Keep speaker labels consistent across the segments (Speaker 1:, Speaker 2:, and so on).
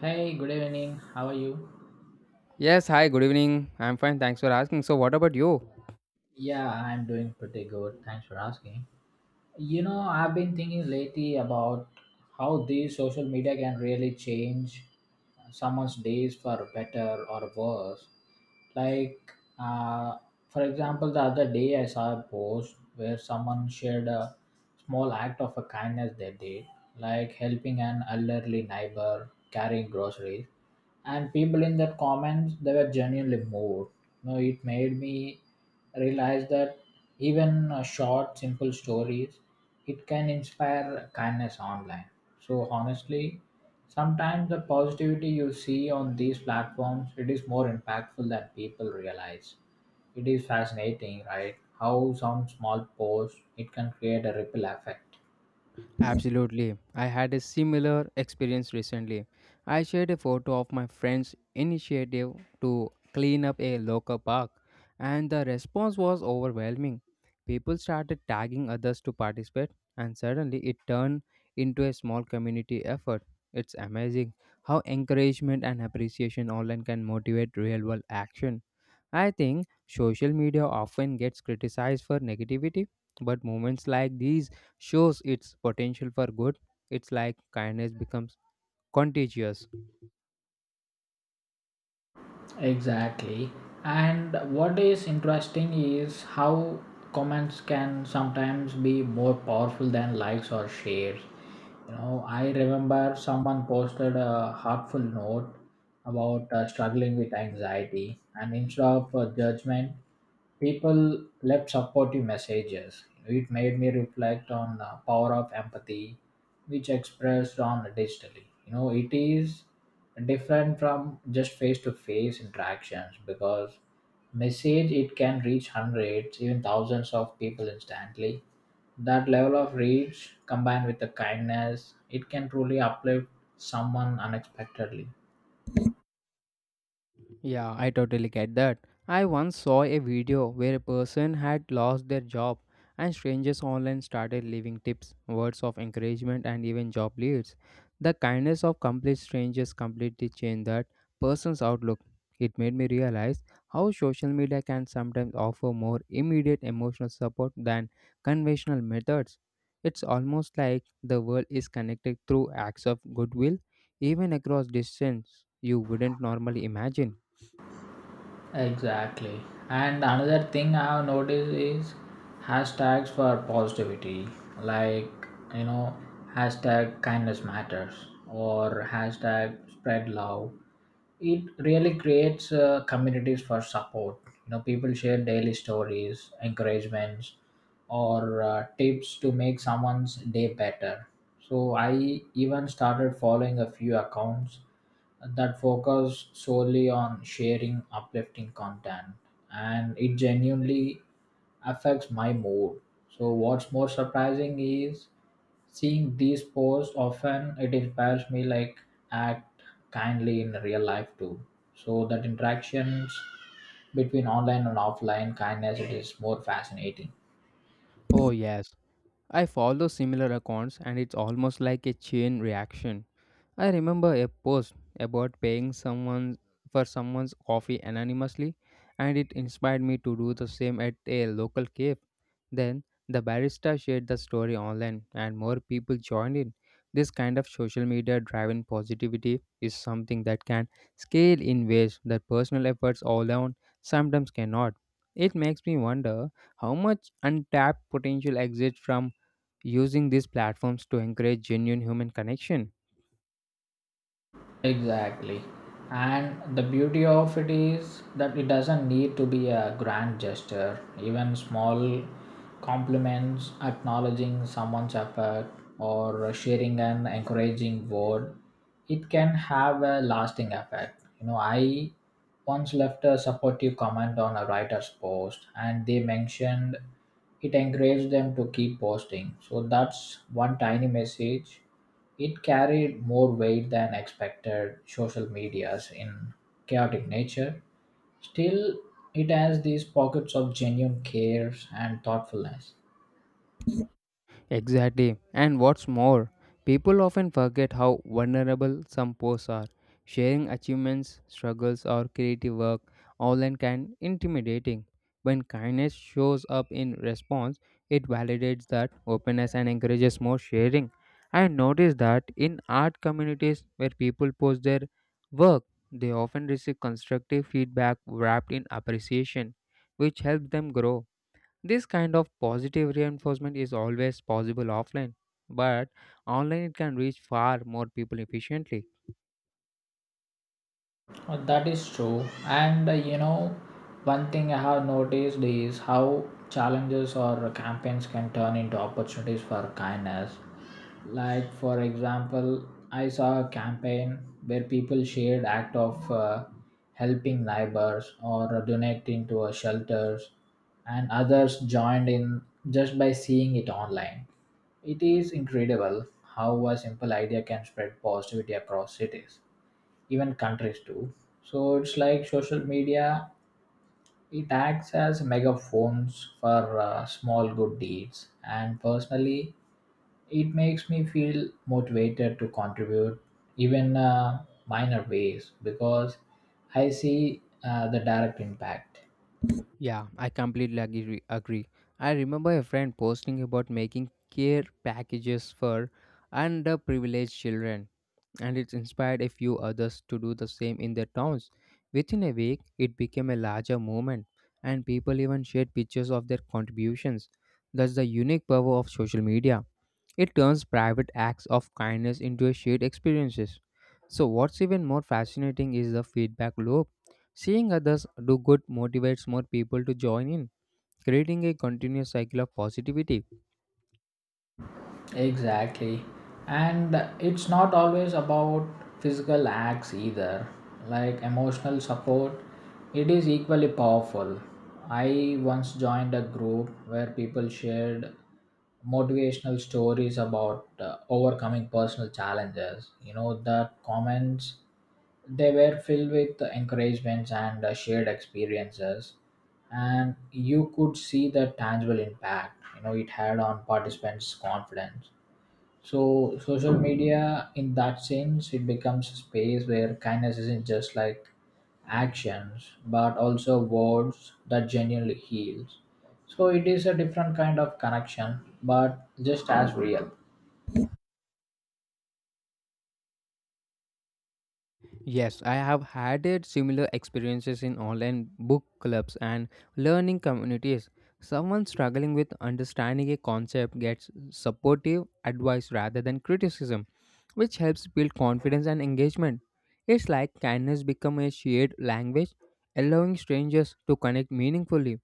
Speaker 1: Hey, good evening. How are you?
Speaker 2: Yes, hi, good evening. I'm fine, thanks for asking. So, what about you?
Speaker 1: Yeah, I'm doing pretty good. Thanks for asking. You know, I've been thinking lately about how these social media can really change someone's days for better or worse. like uh, for example, the other day I saw a post where someone shared a small act of a kindness they did, like helping an elderly neighbor carrying groceries, and people in that comments they were genuinely moved. You know, it made me realize that even short simple stories it can inspire kindness online. So honestly, sometimes the positivity you see on these platforms it is more impactful than people realize. It is fascinating, right? How some small post it can create a ripple effect.
Speaker 2: Absolutely. I had a similar experience recently. I shared a photo of my friend's initiative to clean up a local park, and the response was overwhelming. People started tagging others to participate, and suddenly it turned into a small community effort. It's amazing how encouragement and appreciation online can motivate real world action. I think social media often gets criticized for negativity, but moments like these shows its potential for good. It's like kindness becomes contagious.
Speaker 1: Exactly. And what is interesting is how comments can sometimes be more powerful than likes or shares. You know, I remember someone posted a heartful note about struggling with anxiety, and instead of judgment, people left supportive messages. It made me reflect on the power of empathy which expressed on digitally. You know, it is different from just face to face interactions, because message it can reach hundreds even thousands of people instantly. That level of reach combined with the kindness it can truly uplift someone unexpectedly.
Speaker 2: Yeah, I totally get that. I once saw a video where a person had lost their job and strangers online started leaving tips, words of encouragement, and even job leads. The kindness of complete strangers completely changed that person's outlook. It made me realize how social media can sometimes offer more immediate emotional support than conventional methods. It's almost like the world is connected through acts of goodwill, even across distance you wouldn't normally imagine.
Speaker 1: Exactly. And another thing I have noticed is hashtags for positivity, like you know, hashtag kindness matters or hashtag spread love. It really creates communities for support. You know, people share daily stories, encouragements, or tips to make someone's day better. So I even started following a few accounts that focus solely on sharing uplifting content, and it genuinely affects my mood. So what's more surprising is seeing these posts often it inspires me like act kindly in real life too. So that interactions between online and offline kindness it is more fascinating.
Speaker 2: Oh, yes. I follow similar accounts and it's almost like a chain reaction. I remember a post about paying someone for someone's coffee anonymously and it inspired me to do the same at a local cave. Then the barista shared the story online and more people joined in. This kind of social media driven positivity is something that can scale in ways that personal efforts alone sometimes cannot. It makes me wonder how much untapped potential exists from using these platforms to encourage genuine human connection.
Speaker 1: Exactly. And the beauty of it is that it doesn't need to be a grand gesture. Even small compliments, acknowledging someone's effort, or sharing an encouraging word, it can have a lasting effect. You know, I once left a supportive comment on a writer's post, and they mentioned it encouraged them to keep posting. So that's one tiny message it carried more weight than expected social media's in chaotic nature. Still, it has these pockets of genuine care and thoughtfulness.
Speaker 2: Exactly. And what's more, people often forget how vulnerable some posts are. Sharing achievements, struggles, or creative work online can intimidating. When kindness shows up in response, it validates that openness and encourages more sharing. I noticed that in art communities where people post their work, they often receive constructive feedback wrapped in appreciation, which helps them grow. This kind of positive reinforcement is always possible offline, but online it can reach far more people efficiently.
Speaker 1: That is true. And you know, one thing I have noticed is how challenges or campaigns can turn into opportunities for kindness. Like for example, I saw a campaign where people shared act of helping neighbors or donating to a shelters, and others joined in just by seeing it online. It is incredible how a simple idea can spread positivity across cities, even countries too. So it's like social media it acts as megaphones for small good deeds, and personally it makes me feel motivated to contribute even minor ways, because I see the direct impact.
Speaker 2: Yeah, I completely agree. I remember a friend posting about making care packages for underprivileged children, and it inspired a few others to do the same in their towns. Within a week, it became a larger movement, and people even shared pictures of their contributions. That's the unique power of social media. It turns private acts of kindness into a shared experiences. So what's even more fascinating is the feedback loop. Seeing others do good motivates more people to join in, creating a continuous cycle of positivity.
Speaker 1: Exactly. And it's not always about physical acts either. Like emotional support it is equally powerful. I once joined a group where people shared motivational stories about overcoming personal challenges. You know, the comments, they were filled with encouragements and shared experiences, and you could see the tangible impact, you know, it had on participants' confidence. So, social media, in that sense, it becomes a space where kindness isn't just like actions, but also words that genuinely heals. So, it is a different kind of connection, but just as real.
Speaker 2: Yes, I have had it similar experiences in online book clubs and learning communities. Someone struggling with understanding a concept gets supportive advice rather than criticism, which helps build confidence and engagement. It's like kindness become a shared language, allowing strangers to connect meaningfully.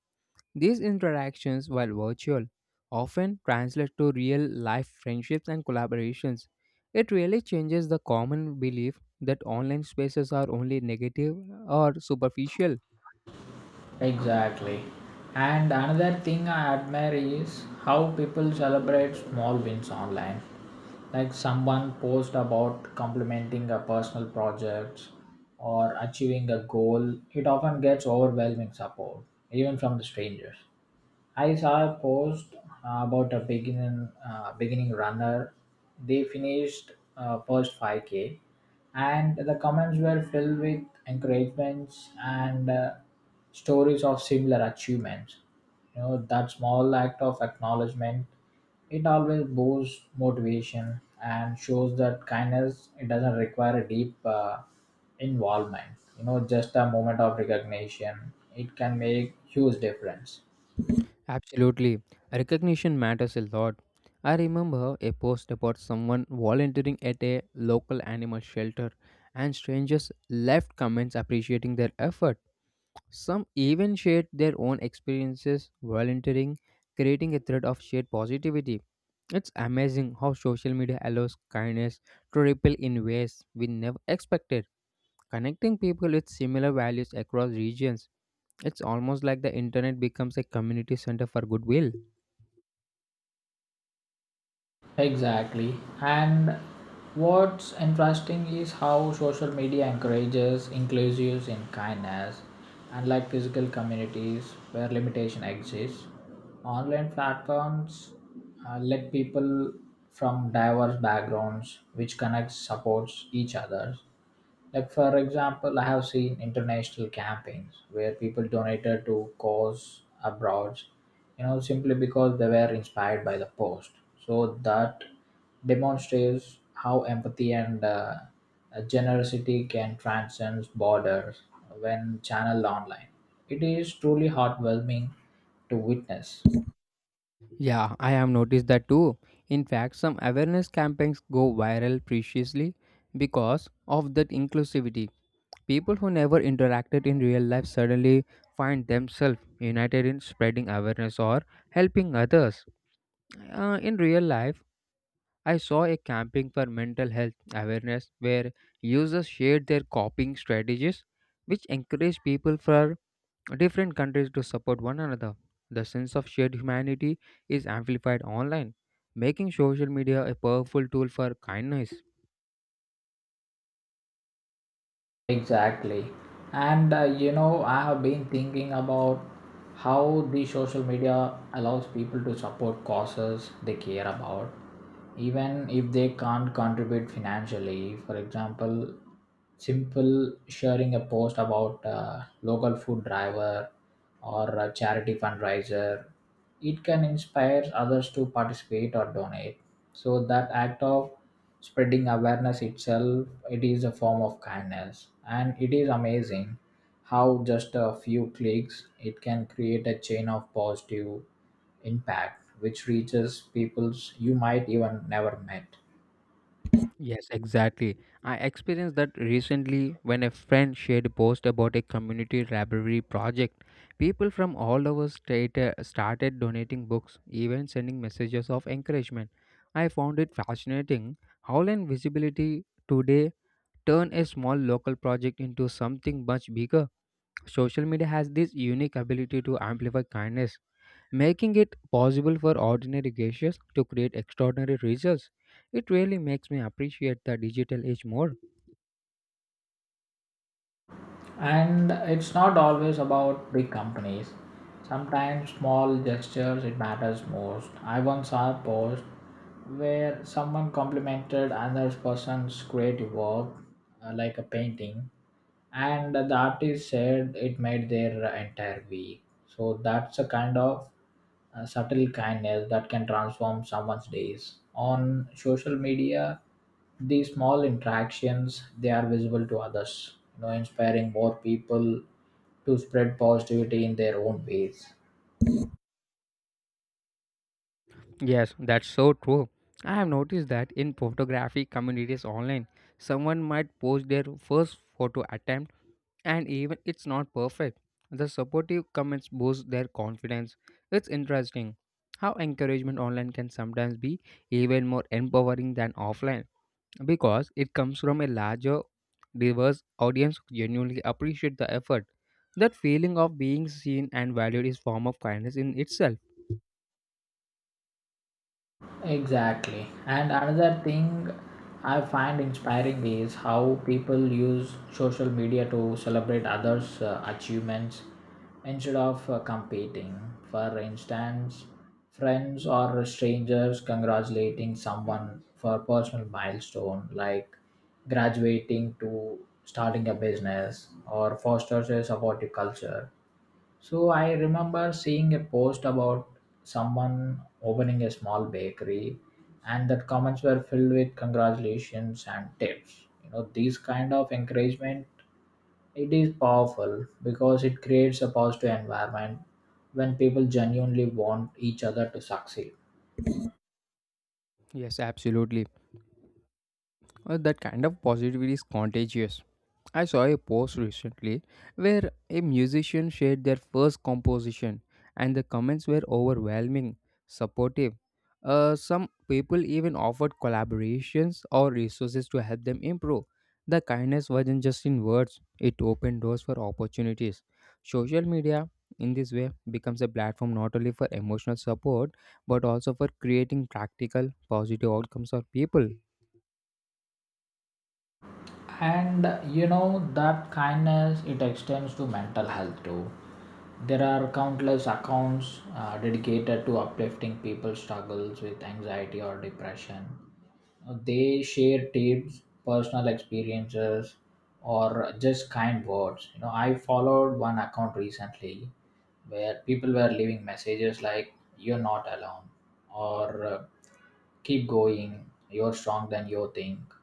Speaker 2: These interactions, while virtual, often translate to real life friendships and collaborations. It really changes the common belief that online spaces are only negative or superficial.
Speaker 1: Exactly. And another thing I admire is how people celebrate small wins online. Like someone post about complementing a personal project or achieving a goal, it often gets overwhelming support, even from the strangers. I saw a post about a beginning runner. They finished first 5K, and the comments were filled with encouragements and stories of similar achievements. You know that small act of acknowledgement, it always boosts motivation and shows that kindness it doesn't require a deep involvement. You know, just a moment of recognition, it can make huge difference.
Speaker 2: Absolutely. Recognition matters a lot. I remember a post about someone volunteering at a local animal shelter, and strangers left comments appreciating their effort. Some even shared their own experiences volunteering, creating a thread of shared positivity. It's amazing how social media allows kindness to ripple in ways we never expected, connecting people with similar values across regions. It's almost like the internet becomes a community center for goodwill.
Speaker 1: Exactly. And what's interesting is how social media encourages inclusives in kindness. Unlike physical communities where limitation exists, online platforms let people from diverse backgrounds which connects supports each other. Like for example, I have seen international campaigns where people donated to cause abroad, you know, simply because they were inspired by the post. So that demonstrates how empathy and generosity can transcend borders when channeled online. It is truly heartwarming to witness.
Speaker 2: Yeah, I have noticed that too. In fact, some awareness campaigns go viral preciously because of that inclusivity. People who never interacted in real life suddenly find themselves united in spreading awareness or helping others. In real life, I saw a camping for mental health awareness where users shared their coping strategies, which encouraged people from different countries to support one another. The sense of shared humanity is amplified online, making social media a powerful tool for kindness.
Speaker 1: Exactly. And you know, I have been thinking about how the social media allows people to support causes they care about, even if they can't contribute financially. For example, simple sharing a post about local food driver or a charity fundraiser, it can inspire others to participate or donate. So that act of spreading awareness itself it is a form of kindness, and it is amazing how just a few clicks it can create a chain of positive impact which reaches peoples you might even never met.
Speaker 2: Yes, exactly. I experienced that recently when a friend shared a post about a community library project. People from all over state started donating books, even sending messages of encouragement. I found it fascinating how land visibility today turn a small local project into something much bigger. Social media has this unique ability to amplify kindness making it possible for ordinary gestures to create extraordinary results. It really makes me appreciate the digital age more.
Speaker 1: And it's not always about big companies. Sometimes small gestures it matters most. I once saw a post where someone complimented another person's creative work, like a painting, and the artist said it made their entire week. So that's a kind of subtle kindness that can transform someone's days on social media. These small interactions they are visible to others, you know, inspiring more people to spread positivity in their own ways.
Speaker 2: Yes, that's so true. I have noticed that in photography communities online, someone might post their first photo attempt and even it's not perfect. The supportive comments boost their confidence. It's interesting how encouragement online can sometimes be even more empowering than offline, because it comes from a larger, diverse audience who genuinely appreciate the effort. That feeling of being seen and valued is form of kindness in itself.
Speaker 1: Exactly. And another thing I find inspiring is how people use social media to celebrate others' achievements instead of competing. For instance, friends or strangers congratulating someone for a personal milestone like graduating to starting a business or fosters a supportive culture. So I remember seeing a post about someone opening a small bakery, and that comments were filled with congratulations and tips. You know, these kind of encouragement it is powerful because it creates a positive environment when people genuinely want each other to succeed.
Speaker 2: Yes, absolutely. That kind of positivity is contagious. I saw a post recently where a musician shared their first composition, and the comments were overwhelming, supportive. Some people even offered collaborations or resources to help them improve. The kindness wasn't just in words, it opened doors for opportunities. Social media, in this way, becomes a platform not only for emotional support but also for creating practical, positive outcomes for people.
Speaker 1: And you know that kindness it extends to mental health too. There are countless accounts dedicated to uplifting people's struggles with anxiety or depression. They share tips, personal experiences, or just kind words. You know, I followed one account recently where people were leaving messages like you're not alone, or keep going, you're stronger than you think.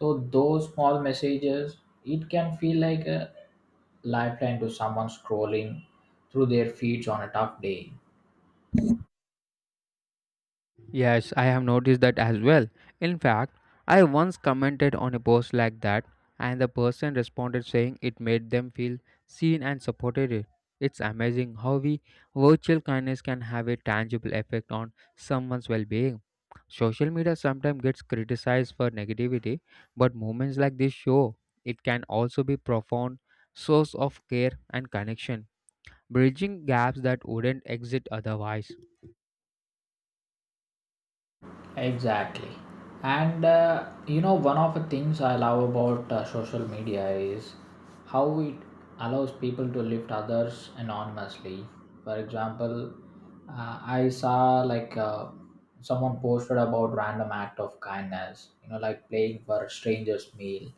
Speaker 1: So those small messages it can feel like a lifeline to someone scrolling through their feeds on a tough day.
Speaker 2: Yes, I have noticed that as well. In fact, I once commented on a post like that, and the person responded saying it made them feel seen and supported. It's amazing how we virtual kindness can have a tangible effect on someone's well-being. Social media sometimes gets criticized for negativity, but moments like this show it can also be profound source of care and connection, bridging gaps that wouldn't exist otherwise.
Speaker 1: Exactly. And you know, one of the things I love about social media is how it allows people to lift others anonymously. For example, I saw someone posted about random act of kindness, you know, like playing for a stranger's meal,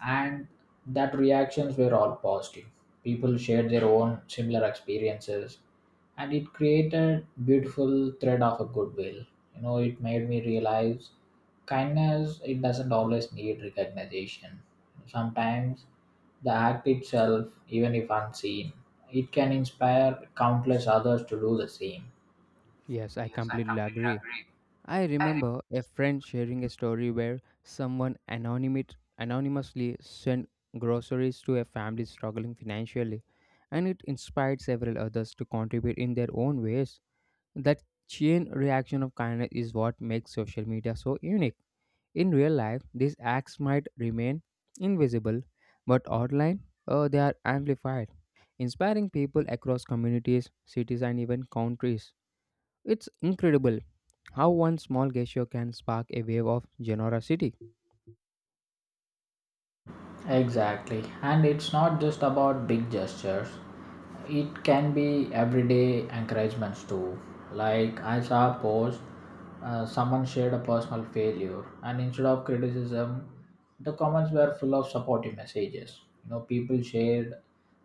Speaker 1: and that reactions were all positive. People shared their own similar experiences, and it created beautiful thread of a goodwill. You know, it made me realize kindness it doesn't always need recognition. Sometimes the act itself, even if unseen, it can inspire countless others to do the same.
Speaker 2: Yes, I
Speaker 1: Yes, I
Speaker 2: completely
Speaker 1: completely
Speaker 2: agree.
Speaker 1: agree.
Speaker 2: I remember a friend sharing a story where someone anonymously sent groceries to a family struggling financially, and it inspired several others to contribute in their own ways. That chain reaction of kindness is what makes social media so unique. In real life, these acts might remain invisible, but online, they are amplified, inspiring people across communities, cities, and even countries. It's incredible how one small gesture can spark a wave of generosity.
Speaker 1: Exactly. And it's not just about big gestures, it can be everyday encouragements too. Like I saw a post, someone shared a personal failure, and instead of criticism, the comments were full of supportive messages. You know, people shared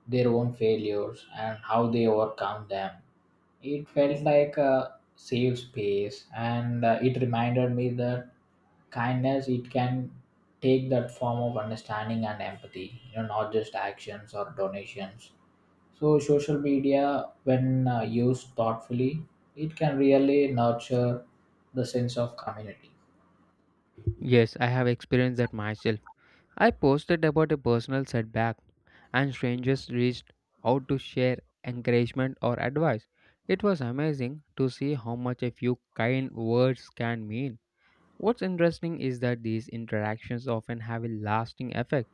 Speaker 1: their own failures and how they overcome them. It felt like a safe space, and it reminded me that kindness it can take that form of understanding and empathy. You know, not just actions or donations. So social media, when used thoughtfully, it can really nurture the sense of community.
Speaker 2: Yes, I have experienced that myself. I posted about a personal setback, and strangers reached out to share encouragement or advice. It was amazing to see how much a few kind words can mean. What's interesting is that these interactions often have a lasting effect,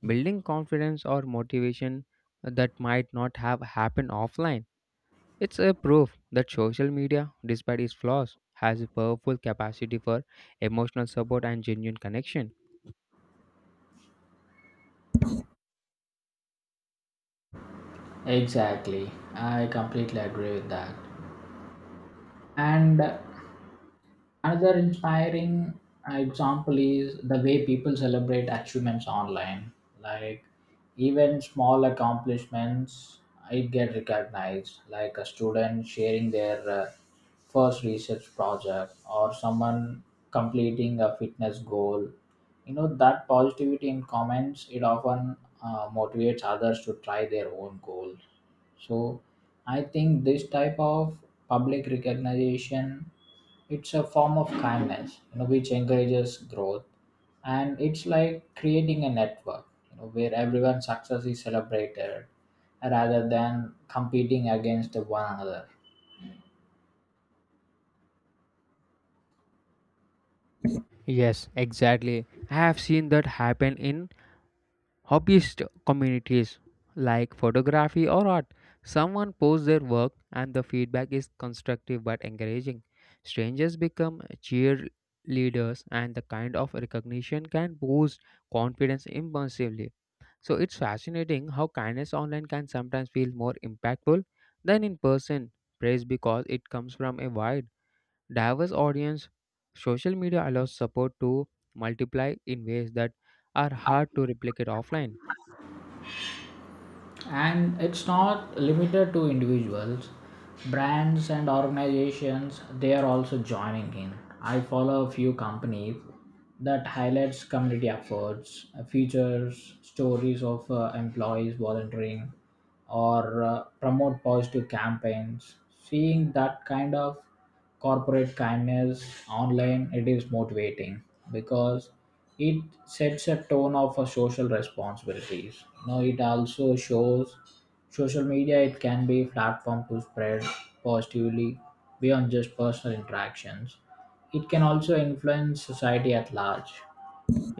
Speaker 2: building confidence or motivation that might not have happened offline. It's a proof that social media, despite its flaws, has a powerful capacity for emotional support and genuine connection.
Speaker 1: Exactly, I completely agree with that. And another inspiring example is the way people celebrate achievements online. Like even small accomplishments, it get recognized. Like a student sharing their first research project, or someone completing a fitness goal. You know that positivity in comments it often motivates others to try their own goals. So I think this type of public recognition it's a form of kindness, you know, which encourages growth. And it's like creating a network, you know, where everyone's success is celebrated rather than competing against one another.
Speaker 2: Yes, exactly. I have seen that happen in hobbyist communities like photography or art. Someone posts their work and the feedback is constructive but encouraging. Strangers become cheerleaders and the kind of recognition can boost confidence impulsively. So it's fascinating how kindness online can sometimes feel more impactful than in person. Praise because it comes from a wide, diverse audience. Social media allows support to multiply in ways that are hard to replicate offline.
Speaker 1: And it's not limited to individuals. Brands and organizations they are also joining in. I follow a few companies that highlights community efforts, features stories of employees volunteering or promote positive campaigns. Seeing that kind of corporate kindness online it is motivating, because it sets a tone of a social responsibilities. You know, it also shows social media it can be a platform to spread positively beyond just personal interactions. It can also influence society at large.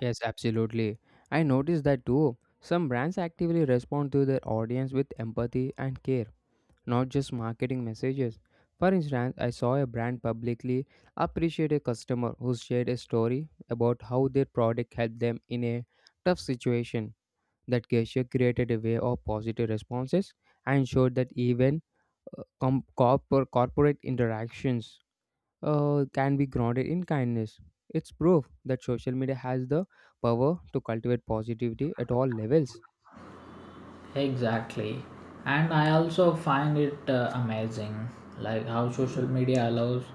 Speaker 2: Yes, absolutely. I noticed that too. Some brands actively respond to their audience with empathy and care, not just marketing messages. For instance, I saw a brand publicly appreciate a customer who shared a story about how their product helped them in a tough situation. That gesture created a wave of positive responses and showed that even corporate interactions can be grounded in kindness. It's proof that social media has the power to cultivate positivity at all levels.
Speaker 1: Exactly. And I also find it amazing, like how social media allows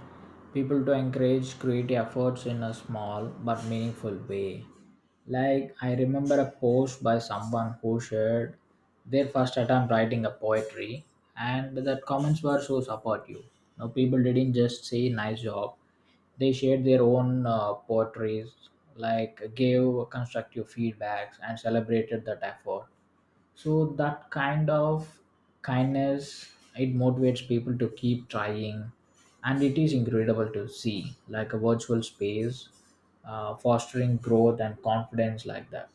Speaker 1: people to encourage creative efforts in a small but meaningful way. Like I remember a post by someone who shared their first attempt writing a poetry, and the comments were so supportive. No, people didn't just say nice job. They shared their own poetries, like gave constructive feedbacks and celebrated that effort. So that kind of kindness, it motivates people to keep trying, and it is incredible to see like a virtual space fostering growth and confidence like that.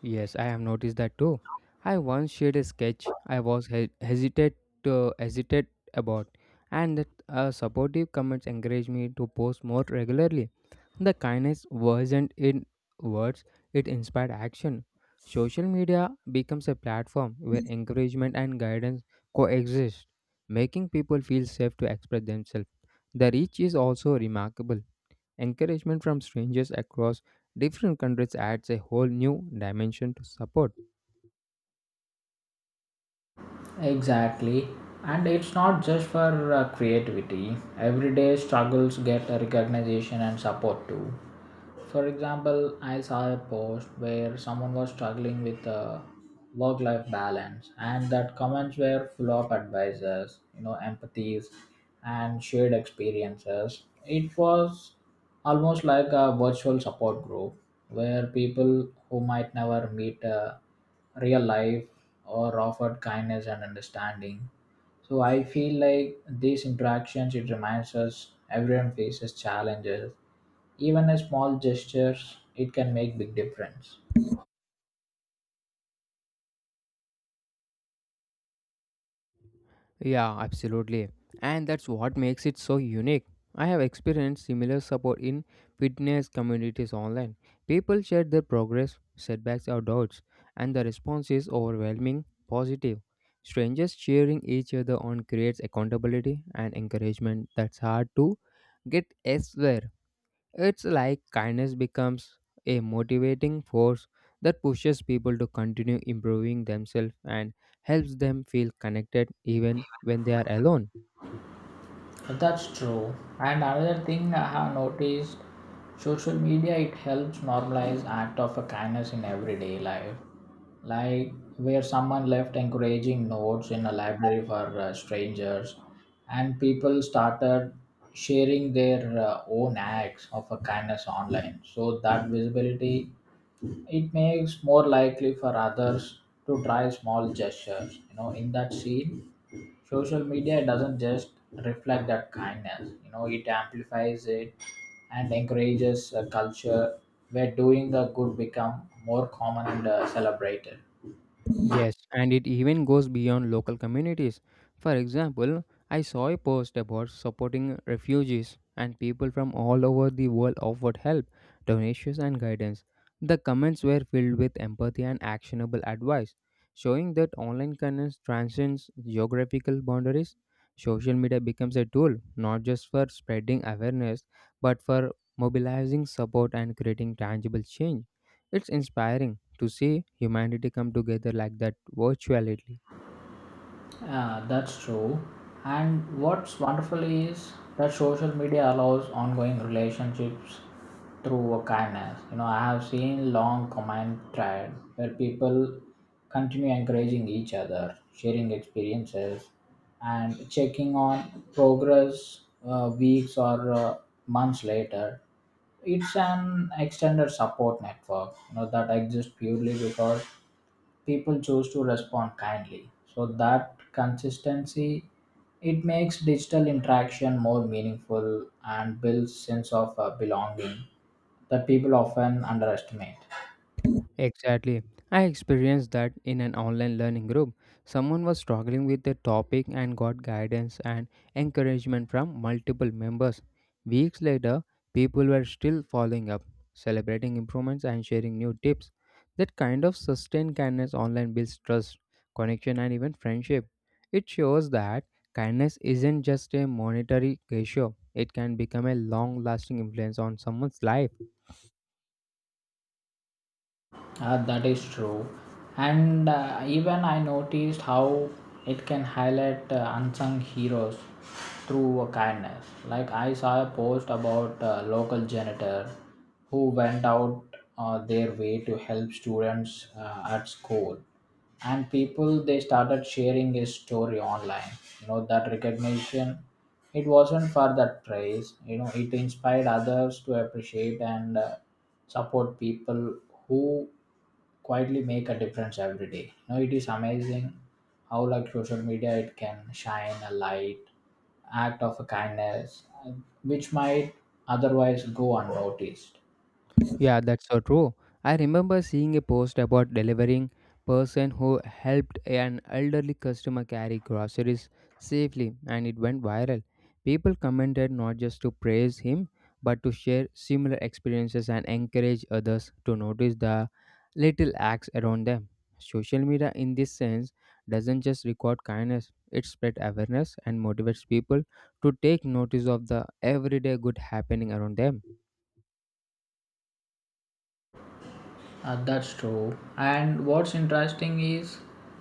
Speaker 2: Yes, I have noticed that too. I once shared a sketch I was hesitate about, and that supportive comments encouraged me to post more regularly. The kindness wasn't in words; it inspired action. Social media becomes a platform where encouragement and guidance coexist, making people feel safe to express themselves. The reach is also remarkable. Encouragement from strangers across different countries adds a whole new dimension to support.
Speaker 1: Exactly. And it's not just for creativity, everyday struggles get a recognition and support too. For example, I saw a post where someone was struggling with a work life balance, and that comments were full of advices, empathies, and shared experiences. It was almost like a virtual support group where people who might never meet a real life or offered kindness and understanding. So I feel like these interactions, it reminds us everyone faces challenges, even a small gestures, it can make big difference.
Speaker 2: Yeah, absolutely. And that's what makes it so unique. I have experienced similar support in fitness communities online. People share their progress, setbacks, or doubts, and the response is overwhelming positive. Strangers cheering each other on creates accountability and encouragement that's hard to get elsewhere. It's like kindness becomes a motivating force that pushes people to continue improving themselves and helps them feel connected even when they are alone.
Speaker 1: That's true. And another thing I have noticed, social media, it helps normalize act of a kindness in everyday life, like where someone left encouraging notes in a library for strangers, and people started sharing their own acts of a kindness online. So that visibility, it makes more likely for others to try small gestures, you know, in that scene, social media doesn't just reflect that kindness, you know, it amplifies it, and encourages a culture where doing the good become more common and celebrated.
Speaker 2: Yes, and it even goes beyond local communities. For example, I saw a post about supporting refugees, and people from all over the world offered help, donations, and guidance. The comments were filled with empathy and actionable advice, showing that online kindness transcends geographical boundaries. Social media becomes a tool not just for spreading awareness but for mobilizing support and creating tangible change. It's inspiring to see humanity come together like that virtually.
Speaker 1: Yeah, that's true. And what's wonderful is that social media allows ongoing relationships through a kindness. You know, I have seen long comment thread where people continue encouraging each other, sharing experiences, and checking on progress weeks or months later. It's an extended support network, you know, that exists purely because people choose to respond kindly. So that consistency, it makes digital interaction more meaningful and builds sense of belonging that people often underestimate.
Speaker 2: Exactly. I experienced that in an online learning group. Someone was struggling with a topic and got guidance and encouragement from multiple members. Weeks later, people were still following up, celebrating improvements and sharing new tips. That kind of sustained kindness online builds trust, connection, and even friendship. It shows that kindness isn't just a monetary ratio, it can become a long lasting influence on someone's life.
Speaker 1: That is true. And even I noticed how it can highlight unsung heroes through a kindness. Like I saw a post about a local janitor who went out their way to help students at school. And people, they started sharing his story online. You know that recognition, it wasn't for that praise. You know, it inspired others to appreciate and support people who quietly make a difference every day. You know, it is amazing how like social media, it can shine a light, act of kindness, which might otherwise go unnoticed.
Speaker 2: Yeah, that's so true. I remember seeing a post about delivering person who helped an elderly customer carry groceries safely and it went viral. People commented not just to praise him but to share similar experiences and encourage others to notice the little acts around them. Social media in this sense doesn't just record kindness, it spread awareness and motivates people to take notice of the everyday good happening around them.
Speaker 1: That's true. And what's interesting is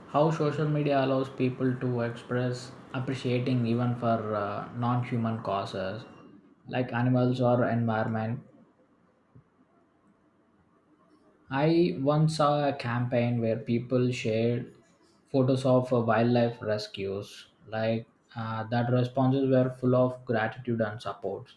Speaker 1: how social media allows people to express appreciating even for non-human causes like animals or environment. I once saw a campaign where people shared photos of wildlife rescues. Like that responses were full of gratitude and support.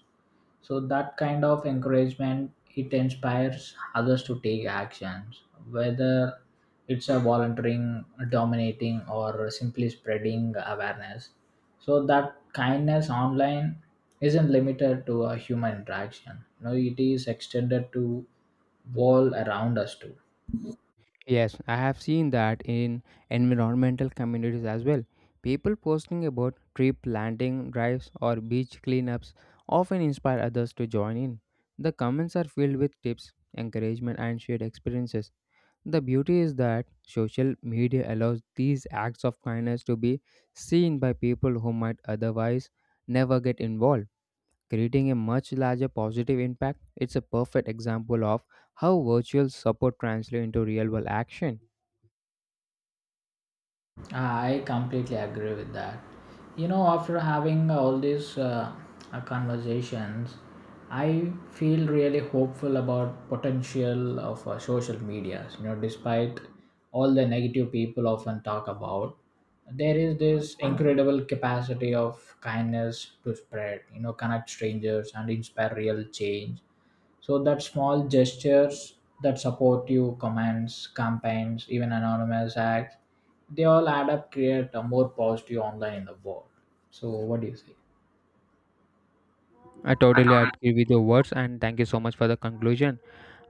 Speaker 1: So that kind of encouragement, it inspires others to take actions, whether it's a volunteering, dominating, or simply spreading awareness. So that kindness online isn't limited to a human interaction, you know, it is extended to world around us too.
Speaker 2: Yes, I have seen that in environmental communities as well. People posting about tree planting drives or beach cleanups often inspire others to join in. The comments are filled with tips, encouragement, and shared experiences. The beauty is that social media allows these acts of kindness to be seen by people who might otherwise never get involved, creating a much larger positive impact. It's a perfect example of how virtual support translates into real world action.
Speaker 1: I completely agree with that. You know, after having all these conversations, I feel really hopeful about potential of social medias. You know, despite all the negative people often talk about, there is this incredible capacity of kindness to spread. You know, connect strangers and inspire real change. So that small gestures that support you, comments, campaigns, even anonymous acts, they all add up create a more positive online in the world. So what do you say?
Speaker 2: I
Speaker 1: I
Speaker 2: totally
Speaker 1: totally.
Speaker 2: agree with your words and thank you so much for the conclusion.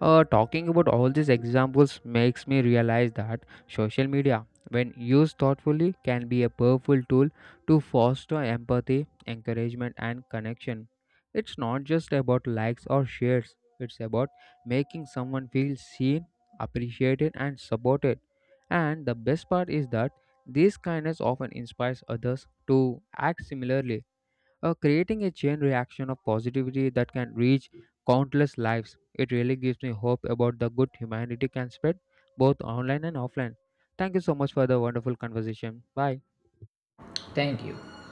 Speaker 2: Talking about all these examples makes me realize that social media, when used thoughtfully, can be a powerful tool to foster empathy, encouragement, and connection. It's not just about likes or shares, it's about making someone feel seen, appreciated, and supported. And the best part is that this kindness often inspires others to act similarly, creating a chain reaction of positivity that can reach countless lives. It really gives me hope about the good humanity can spread both online and offline. Thank you so much for the wonderful conversation. Bye.
Speaker 1: Thank you.